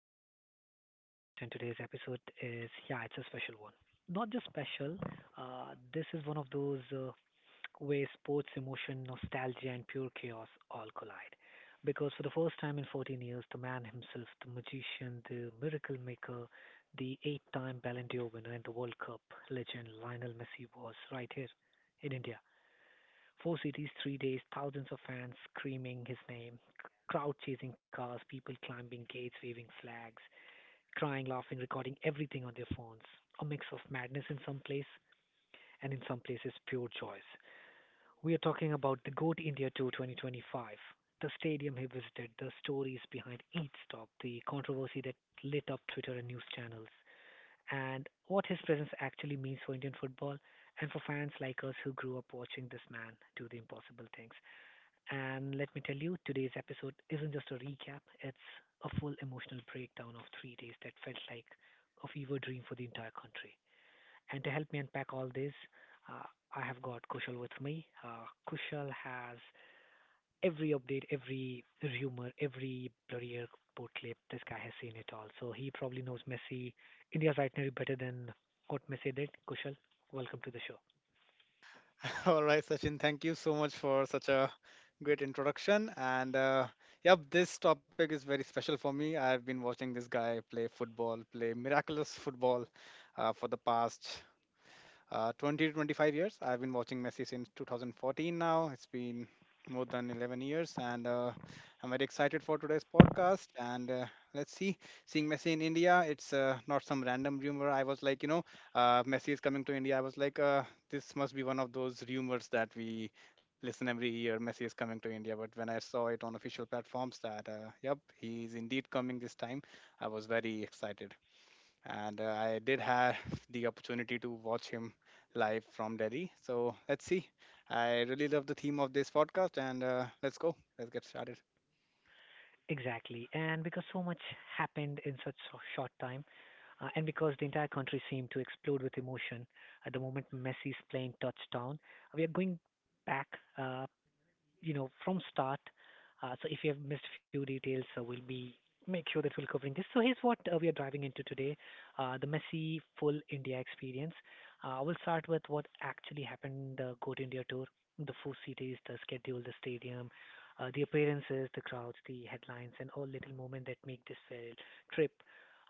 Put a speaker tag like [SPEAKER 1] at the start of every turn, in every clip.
[SPEAKER 1] the show. I'm Sachin, your host, and today's episode is, yeah, it's a special one. Not just special. This is one of those where sports emotion, nostalgia, and pure chaos all collide. Because for the first time in 14 years, the man himself, the magician, the miracle maker, the eight-time Ballon d'Or winner, and the World Cup legend Lionel Messi was right here in India. Four cities, 3 days, thousands of fans screaming his name, crowd chasing cars, people climbing gates, waving flags, crying, laughing, recording everything on their phones. A mix of madness in some place and in some places pure joy. We are talking about the Go to India Tour 2025, the stadium he visited, the stories behind each stop, the controversy that lit up Twitter and news channels, and what his presence actually means for Indian football and for fans like us who grew up watching this man do the impossible things. And let me tell you, today's episode isn't just a recap, it's a full emotional breakdown of 3 days that felt like a fever dream for the entire country. And to help me unpack all this, uh, I have got Kushal with me. Kushal has every update, every rumor, every blurry airport clip. This guy has seen it all. So he probably knows Messi, India's itinerary better than what Messi did. Kushal, welcome to the show.
[SPEAKER 2] All right, Sachin, thank you so much for such a great introduction. And yep, this topic is very special for me. I've been watching this guy play football, play miraculous football for the past 20 to 25 years. I've been watching Messi since 2014 now. It's been more than 11 years, and I'm very excited for today's podcast. And let's see, seeing Messi in India, it's not some random rumor. I was like, Messi is coming to India. I was like, this must be one of those rumors that we listen every year. Messi is coming to India. But when I saw it on official platforms that, yep, he's indeed coming this time, I was very excited and I did have the opportunity to watch him live from Delhi. So let's see. I really love the theme of this podcast, and let's go. Let's get started.
[SPEAKER 1] Exactly. And because so much happened in such a short time, and because the entire country seemed to explode with emotion at the moment Messi's plane touched down, we are going back, uh, from start. So if you have missed a few details, so we'll be make sure that we're covering this. So here's what we are driving into today: the messy full India experience. I will start with what actually happened in the Go to India tour, the four cities, the schedule, the stadium, the appearances, the crowds, the headlines, and all little moments that make this trip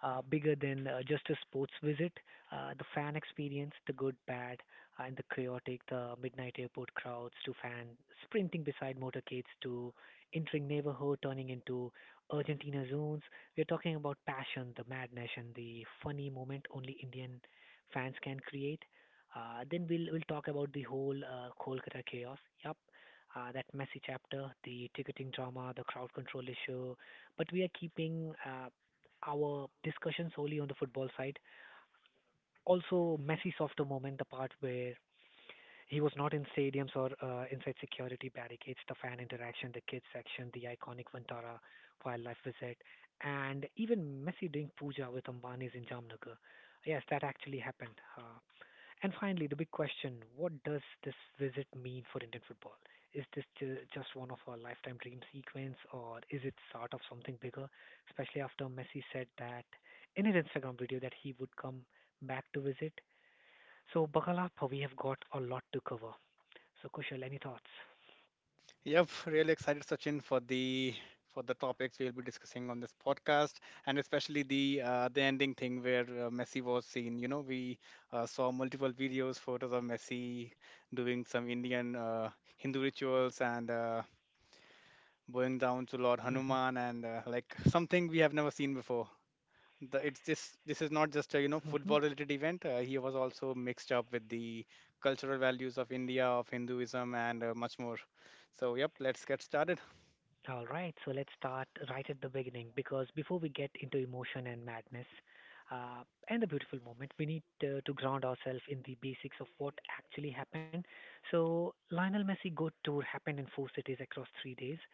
[SPEAKER 1] bigger than just a sports visit. The fan experience, the good, bad, and the chaotic, the midnight airport crowds to fans sprinting beside motorcades to entering neighborhood turning into Argentina zones. We're talking about passion, the madness, and the funny moment only Indian fans can create. Then we'll talk about the whole Kolkata chaos. Yup, that messy chapter, the ticketing drama, the crowd control issue. But we are keeping our discussion solely on the football side, also messy softer moment, the part where he was not in stadiums or inside security barricades, the fan interaction, the kids section, the iconic Vantara wildlife visit, and even Messi doing puja with Ambani's in Jamnagar. Yes, that actually happened. And finally, the big question: what does this visit mean for Indian football? Is this just one of a lifetime dream sequence, or is it start of something bigger? Especially after Messi said that in his Instagram video that he would come back to visit. So, Bakalapa, we have got a lot to cover. So, Kushal, any thoughts?
[SPEAKER 2] Yep, really excited, Sachin, for the topics we'll be discussing on this podcast, and especially the ending thing where Messi was seen. You know, we saw multiple videos, photos of Messi doing some Indian Hindu rituals and going down to Lord
[SPEAKER 1] Hmm.
[SPEAKER 2] Hanuman, and like something we have never seen before. The It's this is not just a
[SPEAKER 1] Hmm.
[SPEAKER 2] football related event. He was also mixed up with the cultural values of India, of Hinduism, and much more. So yep, let's get started.
[SPEAKER 1] All right. So let's start right at the beginning because before we get into emotion and madness uh, and the beautiful moment, we need to ground ourselves in the basics of what actually happened. So Lionel Messi Go Tour happened in four cities across 3 days.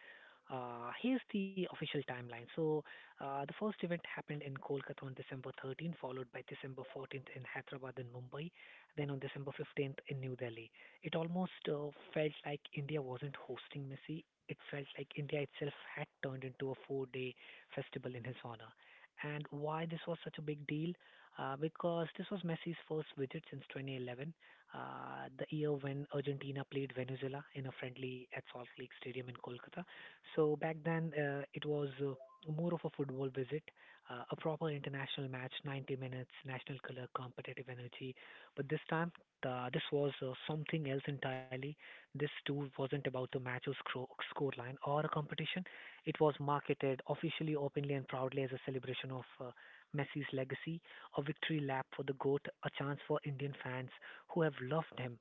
[SPEAKER 1] Here's the official timeline. So the first event happened in Kolkata on December 13, followed by December 14th in Hyderabad and Mumbai, then on December 15th in New Delhi. It almost felt like India wasn't hosting Messi. It felt like India itself had turned into a 4-day festival in his honor. And why this was such a big deal? Because this was Messi's first visit since 2011, the year when Argentina played Venezuela in a friendly at Salt Lake Stadium in Kolkata. So back then, it was more of a football visit, a proper international match, 90 minutes, national color, competitive energy. But this time, this was something else entirely. This tour wasn't about the match's scoreline or a competition. It was marketed officially, openly, and proudly as a celebration of Messi's legacy, a victory lap for the GOAT, a chance for Indian fans who have loved him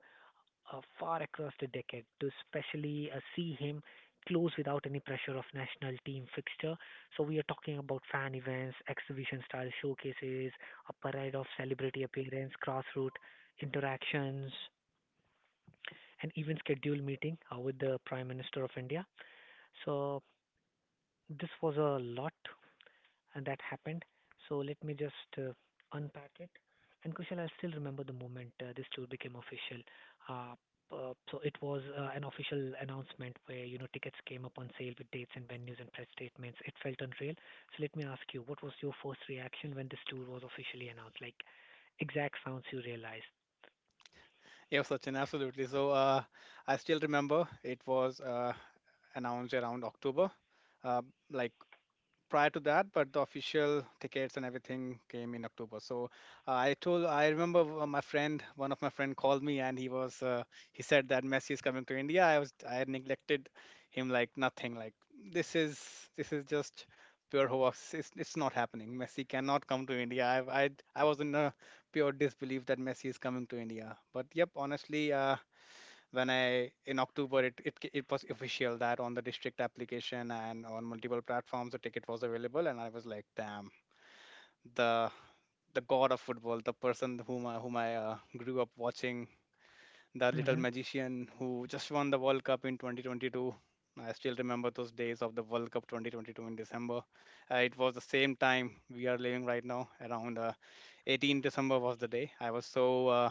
[SPEAKER 1] far across the decade to especially see him close without any pressure of national team fixture. So we are talking about fan events, exhibition style showcases, a parade of celebrity appearance, grassroots interactions, and even scheduled meeting with the Prime Minister of India. So this was a lot and that happened. So let me just unpack it. And Kushal, I still remember the moment this tour became official. Uh, so it was an official announcement where tickets came up on sale with dates and venues and press statements. It felt unreal. So let me ask you, what was your first reaction when this tour was officially announced? Like exact sounds you realized.
[SPEAKER 2] Yeah, Sachin, absolutely. So I still remember it was announced around October, uh, like prior to that, but the official tickets and everything came in October. So I remember my friend, one of my friend called me and he said that Messi is coming to India. I had neglected him like nothing. Like this is just pure hoax. It's not happening. Messi cannot come to India. I was in a pure disbelief that Messi is coming to India. But yep, honestly, when I in October it was official that on the district application and on multiple platforms the ticket was available, and I was like, damn, the the god of football, the person whom I grew up watching, the little
[SPEAKER 1] Hmm.
[SPEAKER 2] magician who just won the World Cup in 2022. I still remember those days of the World Cup 2022 in December. It was the same time we are living right now, around 18 December was the day. I was so uh,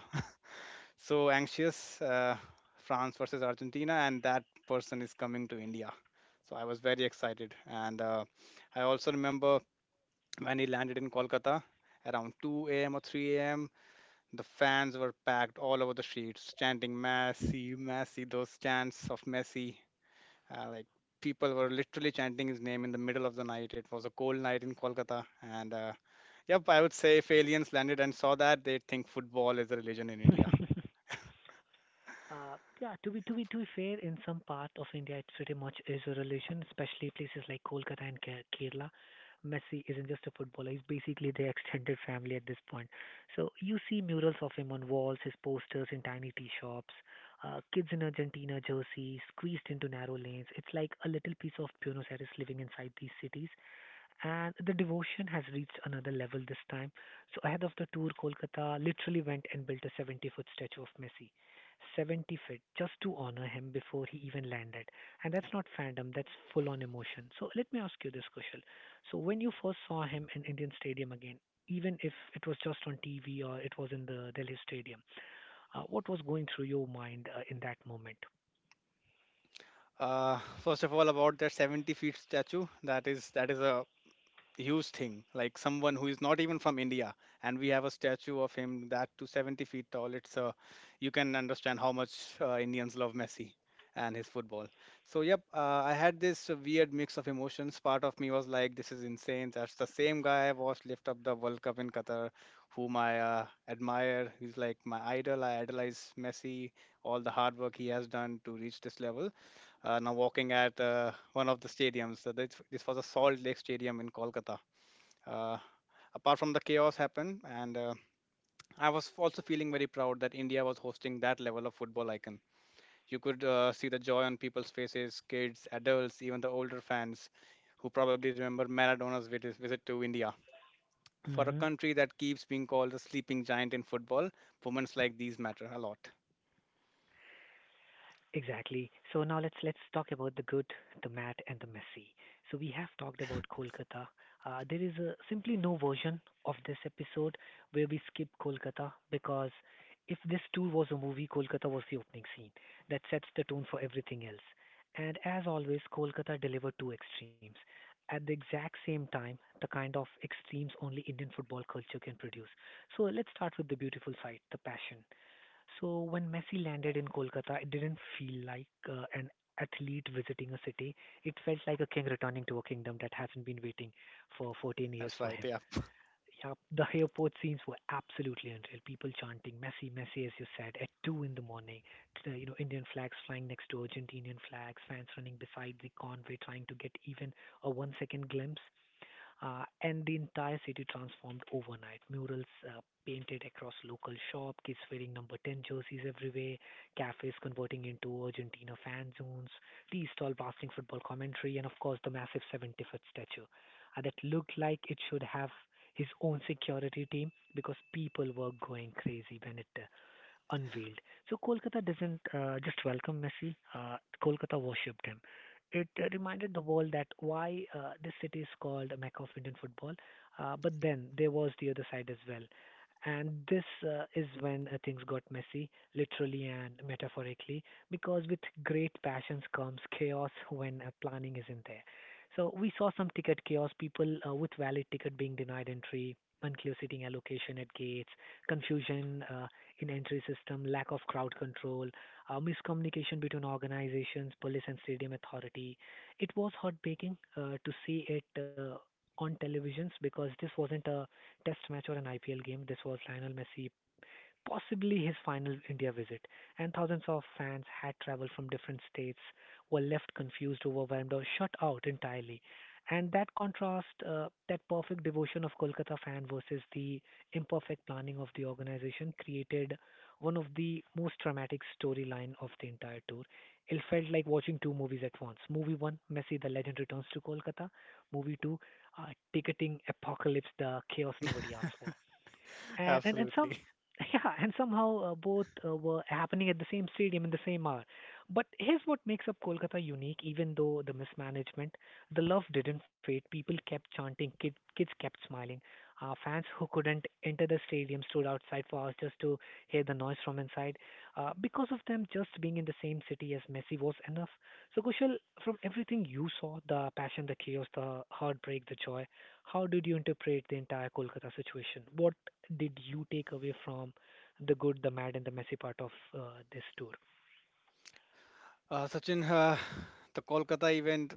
[SPEAKER 2] so anxious, France versus Argentina, and that person is coming to India. So I was very excited, and I also remember when he landed in Kolkata around 2 a.m. or 3 a.m. The fans were packed all over the streets, chanting Messi, Messi. Those chants of Messi, like people were literally chanting his name in the middle of the night. It was a cold night in Kolkata, and yep, I would say if aliens landed and saw that, they'd think football is a religion in India.
[SPEAKER 1] Yeah, to be, to be fair, in some part of India, it's pretty much is a relation, especially places like Kolkata and Kerala. Messi isn't just a footballer; he's basically their extended family at this point. So you see murals of him on walls, his posters in tiny tea shops, kids in Argentina jerseys squeezed into narrow lanes. It's like a little piece of Buenos Aires living inside these cities, and the devotion has reached another level this time. So ahead of the tour, Kolkata literally went and built a 70-foot statue of Messi, 70 feet, just to honor him before he even landed. And that's not fandom; that's full-on emotion. So let me ask you this, Kushal. So when you first saw him in Indian Stadium again, even if it was just on TV or it was in the Delhi Stadium, what was going through your mind in that moment?
[SPEAKER 2] First of all, about that 70 feet statue, that is a huge thing. Like someone who is not even from India, and we have a statue of him, that to 70 feet tall. It's you can understand how much Indians love Messi and his football. So yep, I had this weird mix of emotions. Part of me was like, this is insane. That's the same guy I watched lift up the World Cup in Qatar, whom I admire. He's like my idol. I idolize Messi, all the hard work he has done to reach this level, now walking at one of the stadiums. This was a Salt Lake Stadium in Kolkata. Uh, apart from the chaos happened, and I was also feeling very proud that India was hosting that level of football icon. You could see the joy on people's faces, kids, adults, even the older fans who probably remember Maradona's visit to India. For a
[SPEAKER 1] Mm-hmm.
[SPEAKER 2] country that keeps being called the sleeping giant in football, moments like these matter a lot.
[SPEAKER 1] Exactly. So now let's talk about the good, the mad, and the messy. So we have talked about Kolkata. There is simply no version of this episode where we skip Kolkata because if this tour was a movie, Kolkata was the opening scene that sets the tone for everything else. And as always, Kolkata delivered two extremes at the exact same time, the kind of extremes only Indian football culture can produce. So let's start with the beautiful side, the passion. So when Messi landed in Kolkata, it didn't feel like an athlete visiting a city. It felt like a king returning to a kingdom that hasn't been waiting for 14 years
[SPEAKER 2] That's
[SPEAKER 1] for
[SPEAKER 2] right,
[SPEAKER 1] him.
[SPEAKER 2] yeah.
[SPEAKER 1] Yeah, the airport scenes were absolutely unreal. People chanting Messi, Messi, as you said, at 2 in the morning. Indian flags flying next to Argentinian flags, fans running beside the convoy trying to get even a one-second glimpse, and the entire city transformed overnight. Murals painted across local shop, kids wearing number 10 jerseys everywhere, cafes converting into Argentina fan zones, tea stall blasting football commentary, and of course the massive 70-foot statue that looked like it should have his own security team because people were going crazy when it unveiled. So Kolkata doesn't just welcome Messi. Kolkata worshipped him. It reminded the world that why this city is called Mecca of Indian football. But then there was the other side as well. And this is when things got messy, literally and metaphorically, because with great passions comes chaos when planning isn't there. So we saw some ticket chaos, people with valid ticket being denied entry, unclear seating allocation at gates, confusion in entry system, lack of crowd control, miscommunication between organizations, police, and stadium authority. It was heartbreaking to see it on televisions because this wasn't a test match or an IPL game. This was Lionel Messi, possibly his final India visit, and thousands of fans had traveled from different states, were left confused, overwhelmed, or shut out entirely. And that contrast, that perfect devotion of Kolkata fan versus the imperfect planning of the organization, created one of the most dramatic storyline of the entire tour. It felt like watching two movies at once. Movie one, Messi, the legend returns to Kolkata. Movie two, ticketing apocalypse, the chaos nobody asked for and some
[SPEAKER 2] Absolutely.
[SPEAKER 1] yeah and somehow both were happening at the same stadium in the same hour. But here's what makes up Kolkata unique. Even though the mismanagement, the love didn't fade. People kept chanting, kids kept smiling. Fans who couldn't enter the stadium stood outside for hours just to hear the noise from inside, because of them just being in the same city as Messi was enough. So Kushal, from everything you saw, the passion, the chaos, the heartbreak, the joy, how did you interpret the entire Kolkata situation? What did you take away from the good, the mad, and the messy part of this tour?
[SPEAKER 2] Sachin, the Kolkata event,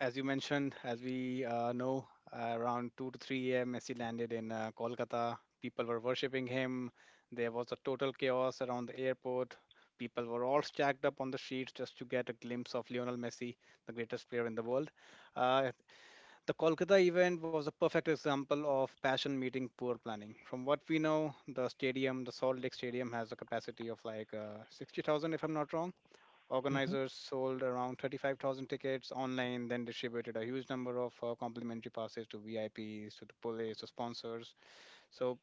[SPEAKER 2] as you mentioned, as we know, around 2 to 3 a.m., Messi landed in Kolkata. People were worshipping him. There was a total chaos around the airport. People were all stacked up on the streets just to get a glimpse of Lionel Messi, the greatest player in the world. Uh, the Kolkata event was a perfect example of passion meeting poor planning. From what we know, the stadium, the Salt Lake Stadium, has a capacity of like 60,000, if I'm not wrong.
[SPEAKER 1] Mm-hmm.
[SPEAKER 2] Organizers sold around 35,000 tickets online, then distributed a huge number of complimentary passes to VIPs, to the police, to sponsors. So,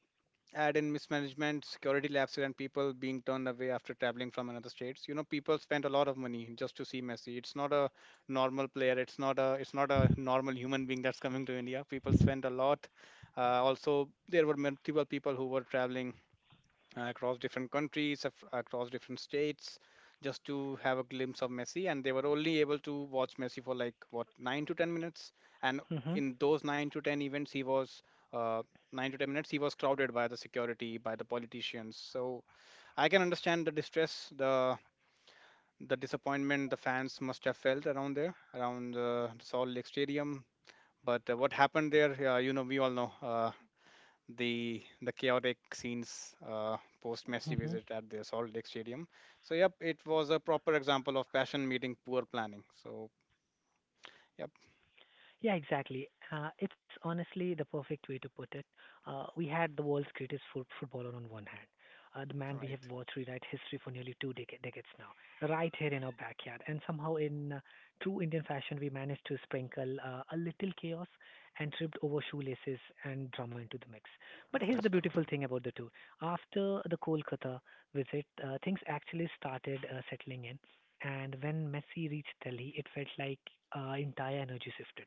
[SPEAKER 2] add in mismanagement, security lapses, and people being turned away after traveling from another states. You know, people spent a lot of money just to see Messi. It's not a normal player. It's not a normal human being that's coming to India. People spent a lot. Also, there were multiple people who were traveling across different countries, across different states, just to have a glimpse of Messi. And they were only able to watch Messi for like what 9 to 10 minutes. And
[SPEAKER 1] Mm-hmm.
[SPEAKER 2] in those nine to ten events, he was uh, 9 to 10 minutes. He was crowded by the security, by the politicians. So I can understand the distress, the disappointment the fans must have felt around there, around the Salt Lake Stadium. But what happened there, we all know. The chaotic scenes post Messi
[SPEAKER 1] Mm-hmm.
[SPEAKER 2] visit at the Salt Lake Stadium. So yep, it was a proper example of passion meeting poor planning. So yep.
[SPEAKER 1] Yeah, exactly. It's honestly the perfect way to put it. We had the world's greatest footballer on one hand, the
[SPEAKER 2] All
[SPEAKER 1] man we have
[SPEAKER 2] right,
[SPEAKER 1] watched rewrite history for nearly decades now, right here in our backyard. And somehow, in true Indian fashion, we managed to sprinkle a little chaos and tripped over shoelaces and drama into the mix. But here's
[SPEAKER 2] that's
[SPEAKER 1] the
[SPEAKER 2] right.
[SPEAKER 1] beautiful thing about the two. After the Kolkata visit, things actually started settling in. And when Messi reached Delhi, it felt like entire energy shifted.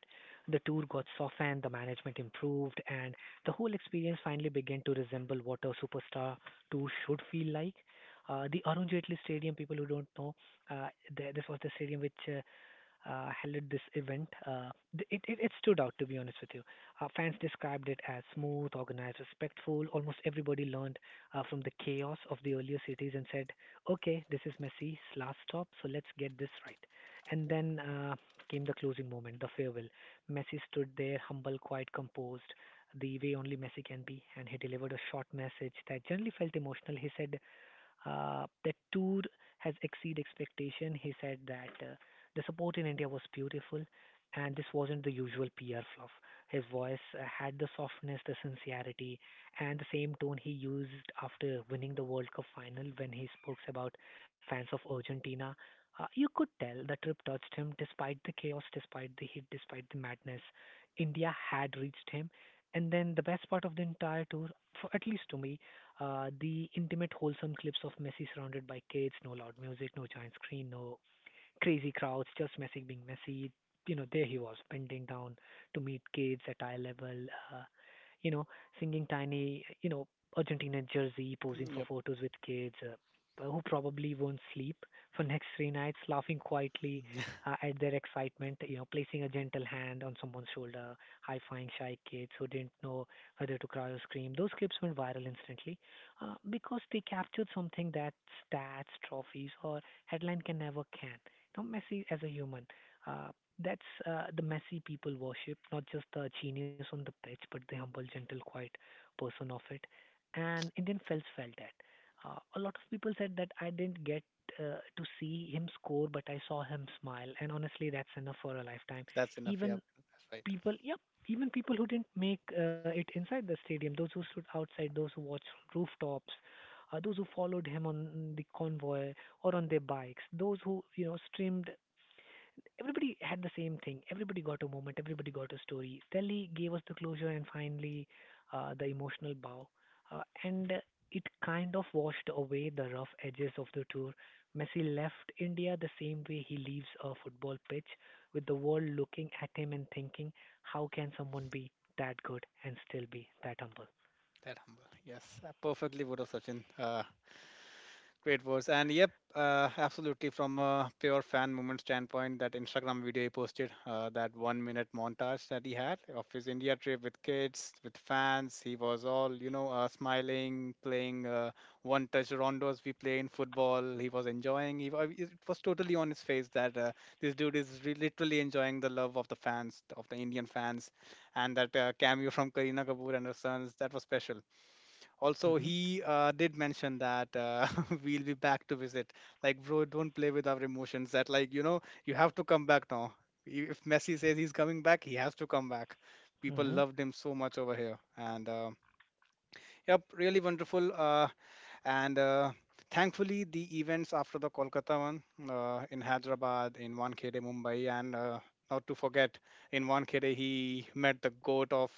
[SPEAKER 1] The tour got softened, the management improved, and the whole experience finally began to resemble what a superstar tour should feel like. The Arun Jaitley Stadium, people who don't know, uh, this was the stadium which handled this event. It stood out, to be honest with you. Fans described it as smooth, organized, respectful. Almost everybody learned from the chaos of the earlier cities and said, okay, this is Messi's last stop, so let's get this right. And then came the closing moment, the farewell. Messi stood there, humble, quite composed, the way only Messi can be, and he delivered a short message that generally felt emotional. He said, the tour has exceeded expectation. He said that the support in India was beautiful, and this wasn't the usual PR fluff. His voice had the softness, the sincerity, and the same tone he used after winning the World Cup final when he spoke about fans of Argentina. You could tell the trip touched him despite the chaos, despite the heat, despite the madness. India had reached him. And then the best part of the entire tour, for at least to me, the intimate, wholesome clips of Messi surrounded by kids, no loud music, no giant screen, no crazy crowds, just Messi being Messi. You know, there he was, bending down to meet kids at eye level, uh, you know, singing tiny, you know, Argentina jersey, posing
[SPEAKER 2] Mm,
[SPEAKER 1] for
[SPEAKER 2] yep.
[SPEAKER 1] photos with kids who probably won't sleep for next three nights, laughing quietly at their excitement, you know, placing a gentle hand on someone's shoulder, high-fiving shy kids who didn't know whether to cry or scream. Those clips went viral instantly because they captured something that stats, trophies, or headline can never can. Not Messi as a human. Uh, that's the Messi people worship, not just the genius on the pitch, but the humble, gentle, quiet person of it. And Indian fans felt that. A lot of people said that I didn't get to see him score, but I saw him smile. And honestly, that's enough for a lifetime.
[SPEAKER 2] That's enough.
[SPEAKER 1] Even
[SPEAKER 2] Yep, that's right.
[SPEAKER 1] people, yep, even people who didn't make it inside the stadium, those who stood outside, those who watched from rooftops, those who followed him on the convoy or on their bikes, those who you know streamed, everybody had the same thing. Everybody got a moment. Everybody got a story. Telly gave us the closure and finally the emotional bow. And it kind of washed away the rough edges of the tour. Messi left India the same way he leaves a football pitch, with the world looking at him and thinking, how can someone be that good and still be that humble?
[SPEAKER 2] That humble. Yes, I perfectly would have, Sachin. Great words. And yep, absolutely. From a pure fan moment standpoint, that Instagram video he posted, that 1 minute montage that he had of his India trip with kids, with fans, he was all, smiling, playing one touch rondos we play in football. He was enjoying. It was totally on his face that this dude is literally enjoying the love of the fans, of the Indian fans. And that cameo from Karina Kapoor and her sons, that was special. Also, he did mention that we'll be back to visit. Like, bro, don't play with our emotions. That, like, you have to come back now. If Messi says he's coming back, he has to come back.
[SPEAKER 1] Hmm.
[SPEAKER 2] People
[SPEAKER 1] Hmm.
[SPEAKER 2] loved him so much over here. And, yep, really wonderful. And thankfully, the events after the Kolkata one, in Hyderabad, in Wankhede, Mumbai, and not to forget, in Wankhede, he met the goat of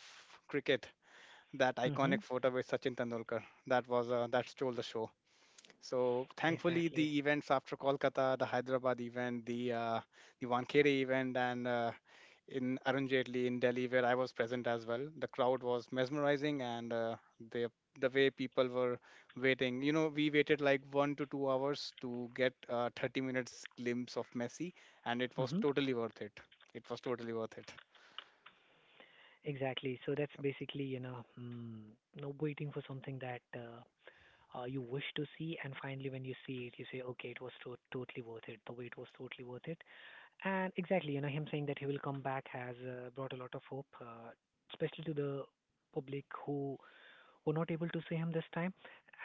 [SPEAKER 2] cricket. That iconic
[SPEAKER 1] Hmm.
[SPEAKER 2] photo with Sachin Tendulkar, that stole the show. So thankfully,
[SPEAKER 1] Exactly.
[SPEAKER 2] the events after Kolkata, the Hyderabad event, the Wankhede event, and in Arun Jaitley in Delhi where I was present as well, the crowd was mesmerizing, and the the way people were waiting. You know, we waited like 1 to 2 hours to get a 30 minutes glimpse of Messi, and it was
[SPEAKER 1] Hmm.
[SPEAKER 2] totally worth it. It was totally worth it.
[SPEAKER 1] Exactly. So that's basically, you know, no waiting for something that you wish to see, and finally when you see it, you say, okay, totally worth it. The wait was totally worth it. And exactly, you know, him saying that he will come back has brought a lot of hope, especially to the public who were not able to see him this time.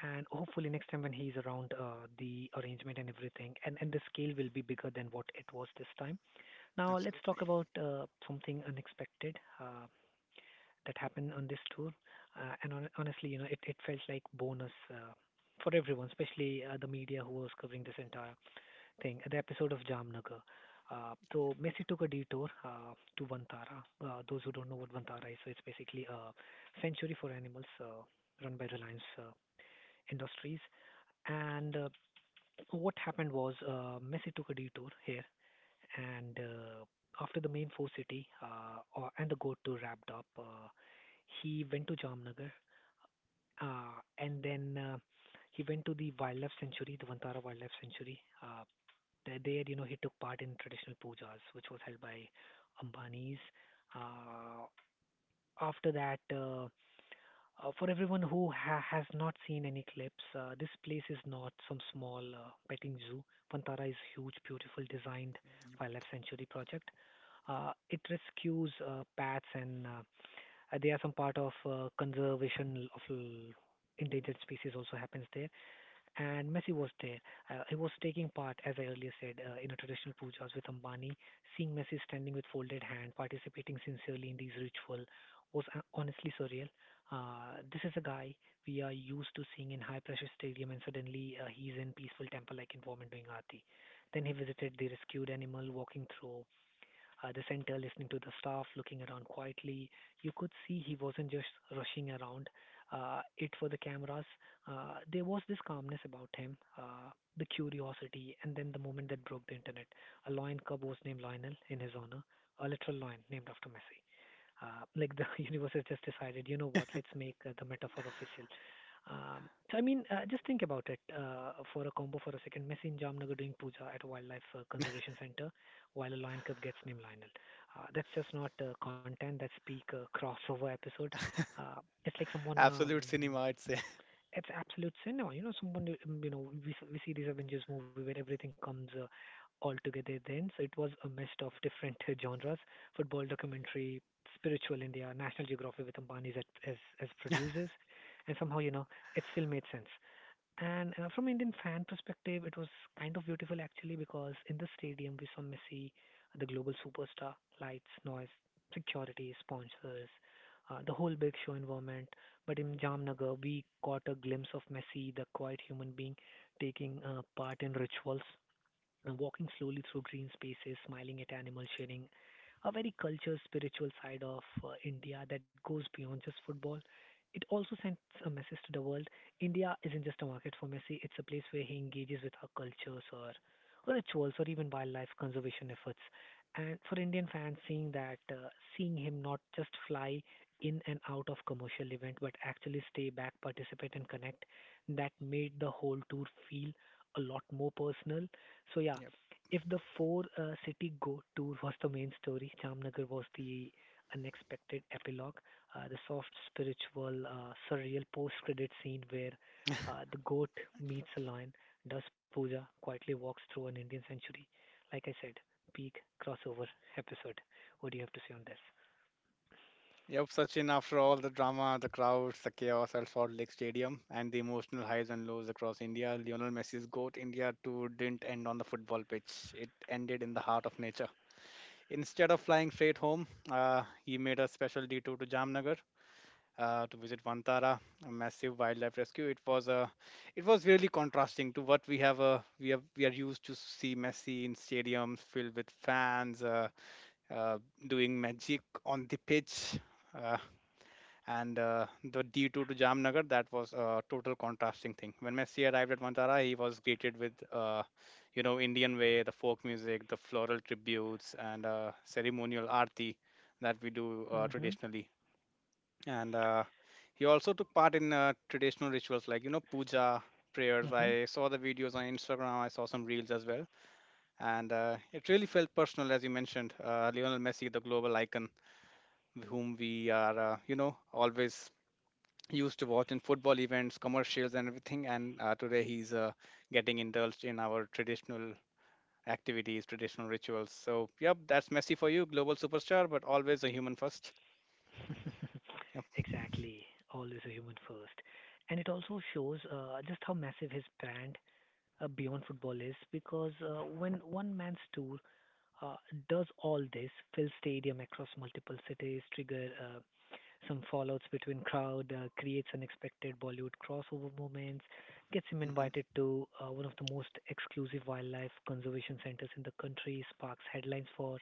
[SPEAKER 1] And hopefully next time when he's around, the arrangement and everything, and the scale will be bigger than what it was this time. Now let's
[SPEAKER 2] Absolutely.
[SPEAKER 1] talk about something unexpected that happened on this tour. And on, honestly, you know, it felt like bonus for everyone, especially the media who was covering this entire thing. The episode of Jamnagar. So Messi took a detour to Vantara. Those who don't know what Vantara is, so it's basically a sanctuary for animals run by Reliance Industries. And what happened was Messi took a detour here and after the main four city and the go to wrapped up, he went to Jamnagar and then he went to the wildlife sanctuary, the Vantara Wildlife Sanctuary. You know, he took part in traditional pujas, which was held by Ambanis. Uh, after that, for everyone who has not seen any clips, this place is not some small petting zoo. Pantara is huge, beautiful, designed wildlife sanctuary project. It rescues pets, and they are some part of conservation of endangered species also happens there, and Messi was there. He was taking part, as I earlier said, in a traditional pujas with Ambani. Seeing Messi standing with folded hand, participating sincerely in these ritual was honestly surreal. This is a guy we are used to seeing in high pressure stadium, and suddenly he's in peaceful temple like environment doing aarti. Then he visited the rescued animal, walking through the center, listening to the staff, looking around quietly. You could see he wasn't just rushing around it for the cameras. There was this calmness about him, the curiosity, and then the moment that broke the internet. A lion cub was named Lionel in his honor, a literal lion named after Messi. Like the universe has just decided, you know what, let's make the metaphor official. So I mean, just think about it for a combo for a second. Messi in Jamnagar doing puja at a wildlife conservation center, while a Lion cup gets named Lionel. That's just not content. That's peak crossover episode. Uh, it's like someone.
[SPEAKER 2] Absolute cinema, I'd say.
[SPEAKER 1] It's absolute cinema. You know, someone. You know, we see this Avengers movie where everything comes all together. Then, so it was a mist of different genres: football, documentary, spiritual India, National Geography with Ambani's as producers, and somehow you know it still made sense. And from Indian fan perspective, it was kind of beautiful actually because in the stadium we saw Messi, the global superstar, lights, noise, security, sponsors, the whole big show environment. But in Jamnagar, we caught a glimpse of Messi, the quiet human being, taking part in rituals and walking slowly through green spaces, smiling at animals, sharing a very cultured, spiritual side of India that goes beyond just football. It also sends a message to the world. India isn't just a market for Messi, it's a place where he engages with our cultures or rituals or even wildlife conservation efforts. And for Indian fans, seeing that, seeing him not just fly in and out of commercial event, but actually stay back, participate and connect, that made the whole tour feel a lot more personal. So yeah,
[SPEAKER 2] Yep.
[SPEAKER 1] if the four city go tour was the main story, Jamnagar was the unexpected epilogue, the soft, spiritual, surreal post-credit scene where the goat meets a lion, does puja, quietly walks through an Indian sanctuary. Like I said, peak crossover episode. What do you have to say on this?
[SPEAKER 2] Yep, Sachin, after all the drama, the crowds, the chaos at Salt Lake Stadium, and the emotional highs and lows across India, Lionel Messi's GOAT India tour didn't end on the football pitch. It ended in the heart of nature. Instead of flying straight home, he made a special detour to Jamnagar to visit Vantara, a massive wildlife rescue. It was really contrasting to what we have. We are used to see Messi in stadiums filled with fans, uh, doing magic on the pitch. Uh, and the D 2 to Jamnagar, that was a total contrasting thing. When Messi arrived at Vantara, he was greeted with, Indian way, the folk music, the floral tributes, and ceremonial arti that we do
[SPEAKER 1] Mhm.
[SPEAKER 2] traditionally. And he also took part in traditional rituals like, puja, prayers.
[SPEAKER 1] Mhm.
[SPEAKER 2] I saw the videos on Instagram. I saw some reels as well. And it really felt personal, as you mentioned. Lionel Messi, the global icon, whom we are, always used to watch in football events, commercials, and everything. And today he's getting indulged in our traditional activities, traditional rituals. So, yep, that's Messi for you, global superstar, but always a human first. Yep.
[SPEAKER 1] Exactly. Always a human first, and it also shows just how massive his brand beyond football is because when one man's tour uh, does all this, fill stadium across multiple cities, trigger some fallouts between crowd, creates unexpected Bollywood crossover moments, gets him
[SPEAKER 2] Hmm.
[SPEAKER 1] invited to one of the most exclusive wildlife conservation centers in the country, sparks headlines for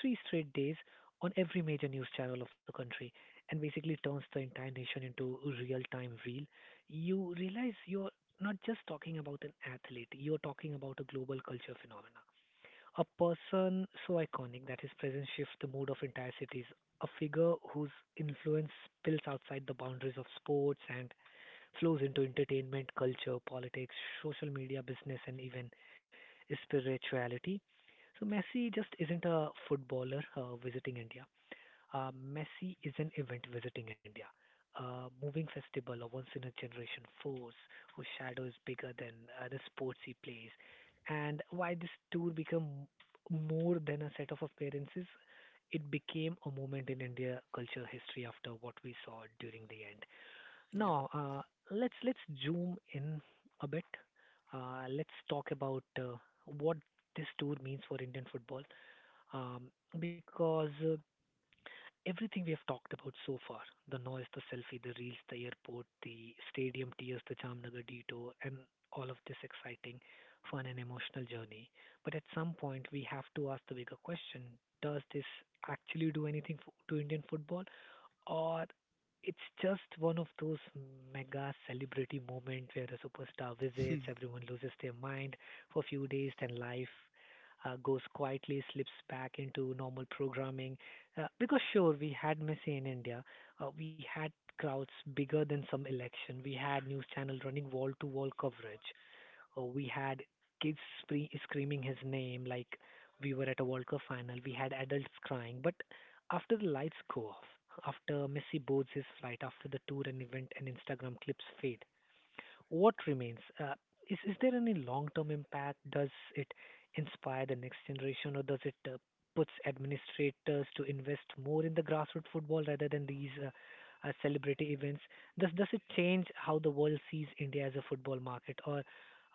[SPEAKER 1] three straight days on every major news channel of the country, and basically turns the entire nation into a real-time reel. You realize you're not just talking about an athlete, you're talking about a global culture phenomenon. A person so iconic that his presence shifts the mood of entire cities. A figure whose influence spills outside the boundaries of sports and flows into entertainment, culture, politics, social media, business, and even spirituality. So Messi just isn't a footballer visiting India. Messi is an event visiting India, a moving festival, of once in a generation force whose shadow is bigger than the sports he plays. And why this tour became more than a set of appearances? It became a moment in India culture history after what we saw during the end.
[SPEAKER 2] Yep.
[SPEAKER 1] Now, uh, let's zoom in a bit. Let's talk about what this tour means for Indian football um, because everything we have talked about so far, the noise, the selfie, the reels, the airport, the stadium tears, the Jamnagar detour, and all of this exciting, fun, and emotional journey. But at some point, we have to ask the bigger question, does this actually do anything to Indian football, or it's just one of those mega celebrity moment where a superstar visits, everyone loses their mind for a few days, then life goes quietly, slips back into normal programming, because sure, we had Messi in India, we had crowds bigger than some election, we had news channel running wall to wall coverage, we had kids screaming his name like we were at a World Cup final, we had adults crying. But after the lights go off, after Messi boards his flight, after the tour and event and Instagram clips fade, what remains? Is there any long term impact? Does it inspire the next generation, or does it puts administrators to invest more in the grassroots football rather than these celebrity events? Does it change how the world sees India as a football market, or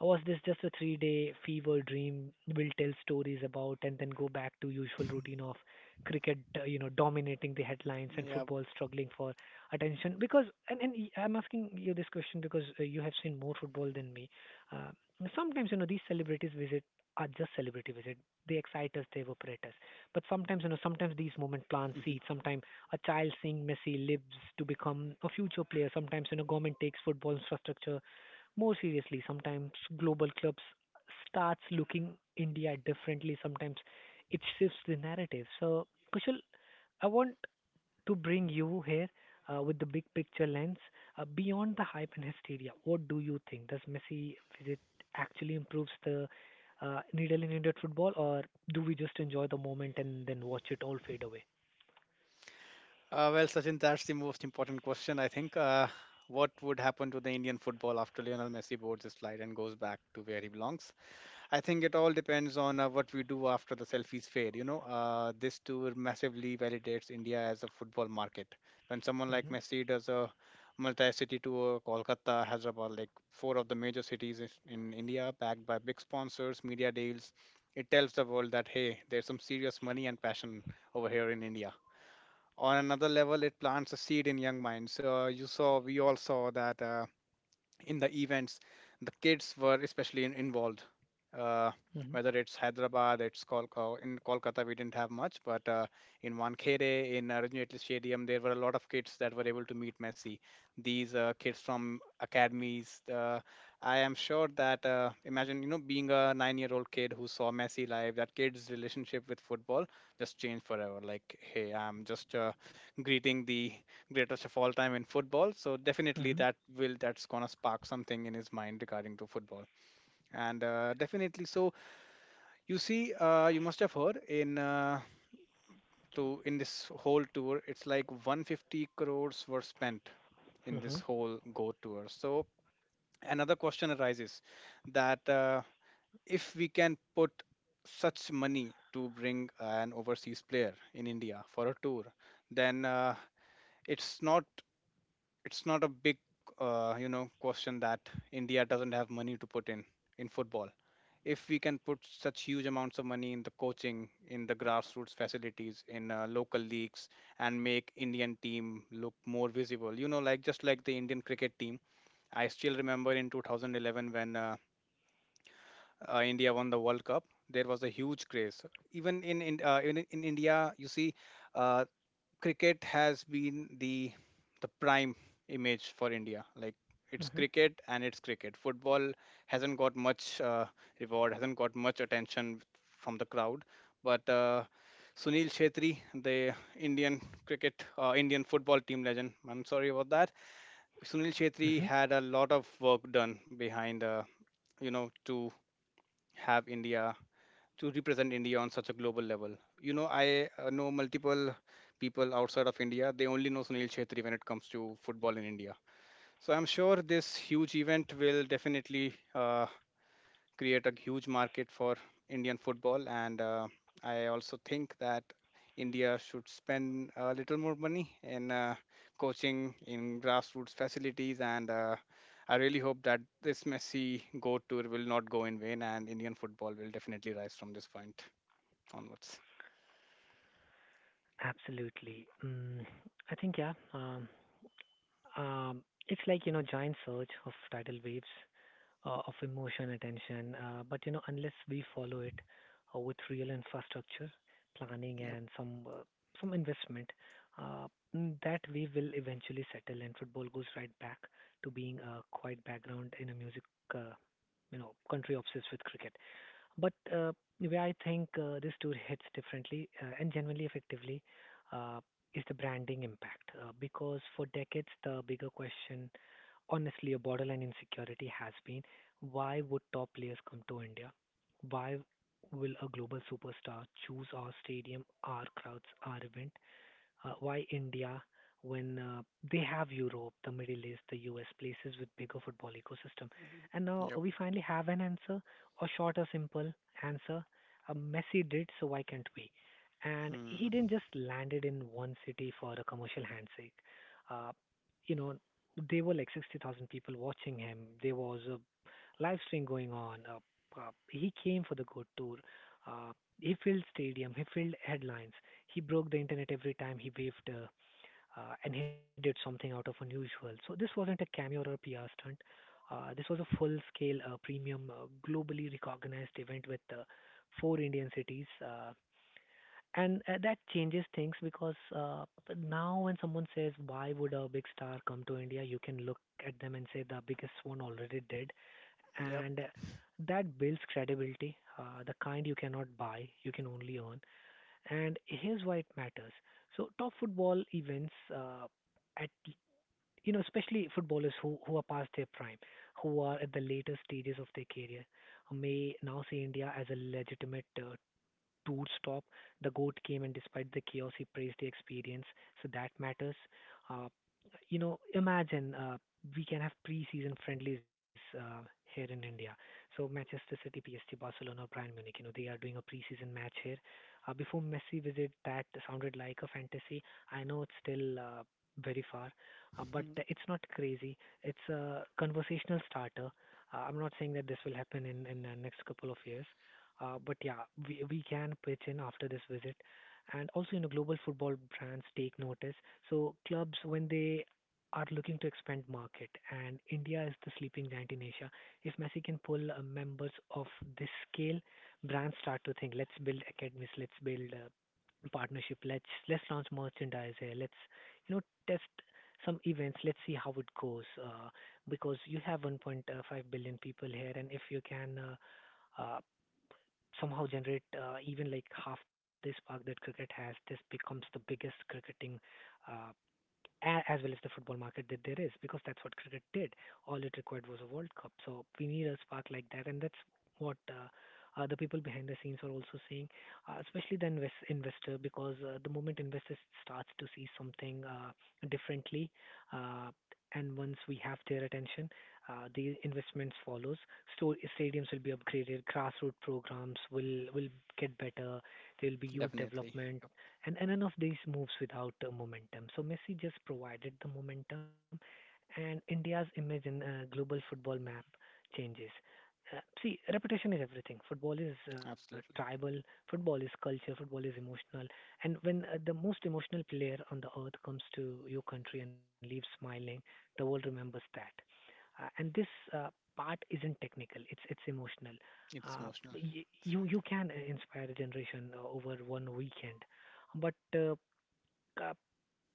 [SPEAKER 1] was this just a three-day fever dream we'll tell stories about and then go back to usual routine of cricket, dominating the headlines and
[SPEAKER 2] Yep.
[SPEAKER 1] football struggling for attention? Because I'm asking you this question because you have seen more football than me. Uh, sometimes you know these celebrities visit are just celebrity visit. They excite us, they evaporate us. But sometimes, you know, sometimes these movement plants
[SPEAKER 2] Mhm.
[SPEAKER 1] seed. Sometimes a child seeing Messi lives to become a future player. Sometimes, you know, government takes football infrastructure more seriously. Sometimes global clubs starts looking India differently. Sometimes it shifts the narrative. So, Kushal, I want to bring you here with the big picture lens beyond the hype and hysteria. What do you think? Does Messi visit actually improves the needle in Indian football, or do we just enjoy the moment and then watch it all fade away?
[SPEAKER 2] Well, Sachin, that's the most important question, I think. What would happen to the Indian football after Lionel Messi boards his flight and goes back to where he belongs? I think it all depends on what we do after the selfies fade. You know, this tour massively validates India as a football market. When someone like
[SPEAKER 1] Mhm.
[SPEAKER 2] Messi does a multi-city tour, Kolkata, Hyderabad, like four of the major cities in India, backed by big sponsors, media deals, it tells the world that, hey, there's some serious money and passion over here in India. On another level, it plants a seed in young minds. So, you saw, we all saw that. In the events, the kids were especially involved, uh,
[SPEAKER 1] Mhm.
[SPEAKER 2] whether it's Hyderabad, it's Kolkata. In Kolkata, we didn't have much, but in Wankhede, in Ranji Stadium, there were a lot of kids that were able to meet Messi. These kids from academies, I am sure that, imagine, you know, being a 9-year-old year old kid who saw Messi live, that kid's relationship with football just changed forever. Like, hey, I'm just greeting the greatest of all time in football. So definitely
[SPEAKER 1] Mhm.
[SPEAKER 2] that's gonna spark something in his mind regarding to football. And definitely, so you see, you must have heard in this whole tour, it's like 150 crores were spent in this
[SPEAKER 1] Mhm.
[SPEAKER 2] whole Go tour. So another question arises that, if we can put such money to bring an overseas player in India for a tour, then it's not it's not a big, question that India doesn't have money to put in football. If we can put such huge amounts of money in the coaching, in the grassroots facilities, in local leagues, and make Indian team look more visible, you know, like just like the Indian cricket team. I still remember in 2011 when India won the World Cup, there was a huge craze. Even in India, you see, uh, cricket has been the prime image for India. Like it's
[SPEAKER 1] Mhm.
[SPEAKER 2] cricket and it's cricket. Football hasn't got much reward, hasn't got much attention from the crowd. But Sunil Shetty, the Indian cricket, Indian football team legend. I'm sorry about that. Sunil
[SPEAKER 1] Mhm.
[SPEAKER 2] Shetty had a lot of work done behind, you know, to have India to represent India on such a global level. You know, I know multiple people outside of India. They only know Sunil Chhetri when it comes to football in India. So I'm sure this huge event will definitely create a huge market for Indian football. And I also think that India should spend a little more money in coaching, in grassroots facilities, and I really hope that this Messi go tour will not go in vain, and Indian football will definitely rise from this point onwards.
[SPEAKER 1] Absolutely. I think yeah. Um, it's like you know giant surge of tidal waves of emotion attention. But you know, unless we follow it with real infrastructure, planning,
[SPEAKER 2] Yep.
[SPEAKER 1] and some investment, uh, that we will eventually settle. And football goes right back to being a quiet background in a music, uh, country obsessed with cricket. But where I think this tour hits differently and genuinely effectively uh, is the branding impact. Because for decades, the bigger question, honestly, a borderline insecurity has been why would top players come to India? Why will a global superstar choose our stadium, our crowds, our event? Why India when they have Europe, the Middle East, the US, places with bigger football ecosystem? And now
[SPEAKER 2] Yep.
[SPEAKER 1] we finally have an answer, a short or simple answer. Messi did, so why can't we? And
[SPEAKER 2] Hmm.
[SPEAKER 1] he didn't just landed in one city for a commercial handshake. Uh, you know, there were like 60,000 people watching him. There was a live stream going on. He came for the good tour. Uh, he filled stadium. He filled headlines. He broke the internet every time he waved and he did something out of unusual. So this wasn't a cameo or a PR stunt. This was a full-scale premium, globally recognized event with four Indian cities. And that changes things because now when someone says why would a big star come to india you can look at them and say the biggest one already did,
[SPEAKER 2] Yep.
[SPEAKER 1] and that builds credibility the kind you cannot buy you can only earn, and here's why it matters. So top football events at you know especially footballers who are past their prime, who are at the later stages of their career, may now see India as a legitimate tour stop. The goat came, and despite the chaos, he praised the experience. So that matters. Uh, you know, imagine we can have pre-season friendlies here in India. So Manchester City, PSG, Barcelona, Bayern Munich. You know, they are doing a pre-season match here. Before Messi visit, that sounded like a fantasy. I know it's still very far, but it's not crazy. It's a conversational starter. I'm not saying that this will happen in the next couple of years, but yeah, we can pitch in after this visit. And also, you know, global football brands take notice. So clubs, when they are looking to expand market, and India is the sleeping giant in Asia, if Messi can pull members of this scale, brands start to think, let's build academies, let's build partnership, let's launch merchandise here, let's you know test some events, let's see how it goes. Because you have 1.5 billion people here, and if you can somehow generate even like half the spark that cricket has, this becomes the biggest cricketing uh, as well as the football market that there is, because that's what cricket did. All it required was a World Cup. So we need a spark like that, and that's what the people behind the scenes are also seeing, especially the investor, because the moment investors starts to see something differently, uh, and once we have their attention, the investments follows. So stadiums will be upgraded, grassroots programs will get better. There will be
[SPEAKER 2] Hmm.
[SPEAKER 1] youth
[SPEAKER 2] Definitely.
[SPEAKER 1] development,
[SPEAKER 2] Yep.
[SPEAKER 1] and none of these moves without momentum. So Messi just provided the momentum, and India's image in global football map changes. See, reputation is everything. Football is
[SPEAKER 2] Absolutely.
[SPEAKER 1] tribal, football is culture, football is emotional. And when the most emotional player on the earth comes to your country and leaves smiling, the world remembers that. And this uh, part isn't technical; it's emotional.
[SPEAKER 2] It's
[SPEAKER 1] Uh,
[SPEAKER 2] emotional. That's
[SPEAKER 1] you
[SPEAKER 2] right.
[SPEAKER 1] you can inspire a generation over one weekend, but uh,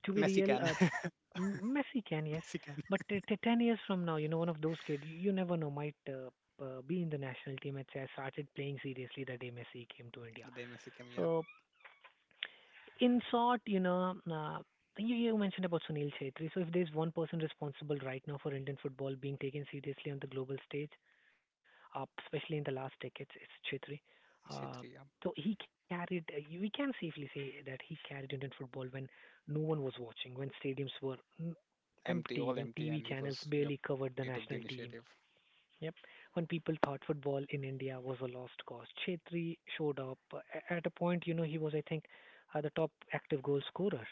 [SPEAKER 1] to be
[SPEAKER 2] Messi
[SPEAKER 1] real,
[SPEAKER 2] can.
[SPEAKER 1] Messi can, yes.
[SPEAKER 2] Messi can.
[SPEAKER 1] But 10 years from now, you know, one of those kids, you never know, might be in the national team. I'd say I started playing seriously the day Messi came to India.
[SPEAKER 2] The day Messi came, yep.
[SPEAKER 1] So, in short, you mentioned about Sunil Chhetri. So, if there's one person responsible right now for Indian football being taken seriously on the global stage, especially in the last decades, is Chhetri. Uh,
[SPEAKER 2] Chetri, yep.
[SPEAKER 1] so he carried, we can safely say that he carried Indian football when no one was watching, when stadiums were
[SPEAKER 2] Empty,
[SPEAKER 1] empty,
[SPEAKER 2] all
[SPEAKER 1] when
[SPEAKER 2] empty,
[SPEAKER 1] TV
[SPEAKER 2] and he
[SPEAKER 1] channels
[SPEAKER 2] was, yep.
[SPEAKER 1] barely covered the
[SPEAKER 2] He took the
[SPEAKER 1] national team.
[SPEAKER 2] initiative.
[SPEAKER 1] Yep. When people thought football in India was a lost cause, Chhetri showed up. At a point, you know, he was, I think, the top active goal scorer.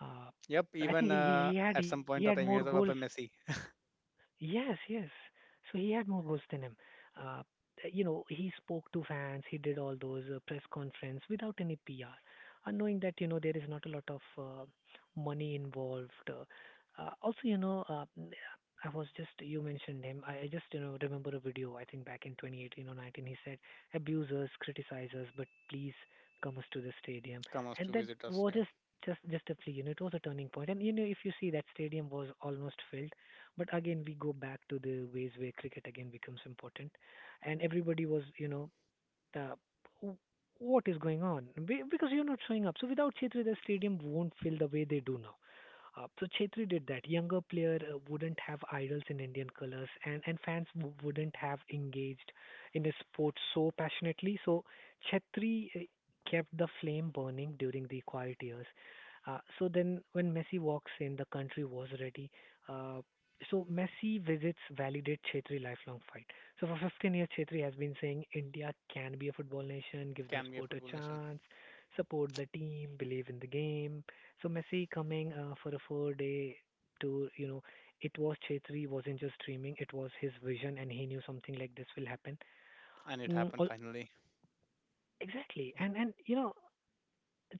[SPEAKER 1] Uh,
[SPEAKER 2] Yep.
[SPEAKER 1] I think
[SPEAKER 2] Even
[SPEAKER 1] he, he he had
[SPEAKER 2] at
[SPEAKER 1] he
[SPEAKER 2] some
[SPEAKER 1] had more
[SPEAKER 2] point of time, he
[SPEAKER 1] goals.
[SPEAKER 2] was above Messi.
[SPEAKER 1] Yes, yes. So he had more goals than him. Uh, you know, he spoke to fans, he did all those press conference without any PR, and knowing that you know there is not a lot of money involved. Also, I was just you mentioned him. I just you know remember a video I think back in 2018 or 19. He said, "Abusers, criticizers, but please come us to the stadium,"
[SPEAKER 2] Comes
[SPEAKER 1] and
[SPEAKER 2] to
[SPEAKER 1] that
[SPEAKER 2] visit us.
[SPEAKER 1] was
[SPEAKER 2] Yeah.
[SPEAKER 1] just a plea. You know, it was a turning point. And you know, if you see that stadium was almost filled, but again, we go back to the ways where cricket again becomes important, and everybody was, you know, the what is going on because you're not showing up. So without Chetri, the stadium won't feel the way they do now. So Chetri did that. Younger player wouldn't have idols in Indian colors, and fans wouldn't have engaged in the sport so passionately. So Chetri kept the flame burning during the quiet years. So then when Messi walks in, the country was ready. Uh, so Messi visits validate Chetri lifelong fight. So for 15 years, Chetri has been saying India can be a football nation, give the
[SPEAKER 2] Can be a
[SPEAKER 1] sport a
[SPEAKER 2] football nation.
[SPEAKER 1] chance, support the team, believe in the game. So Messi coming for a 4-day tour. It was Chetri wasn't just dreaming; it was his vision, and he knew something like this will happen.
[SPEAKER 2] And it
[SPEAKER 1] Mm,
[SPEAKER 2] happened finally.
[SPEAKER 1] exactly,
[SPEAKER 2] Yep.
[SPEAKER 1] and you know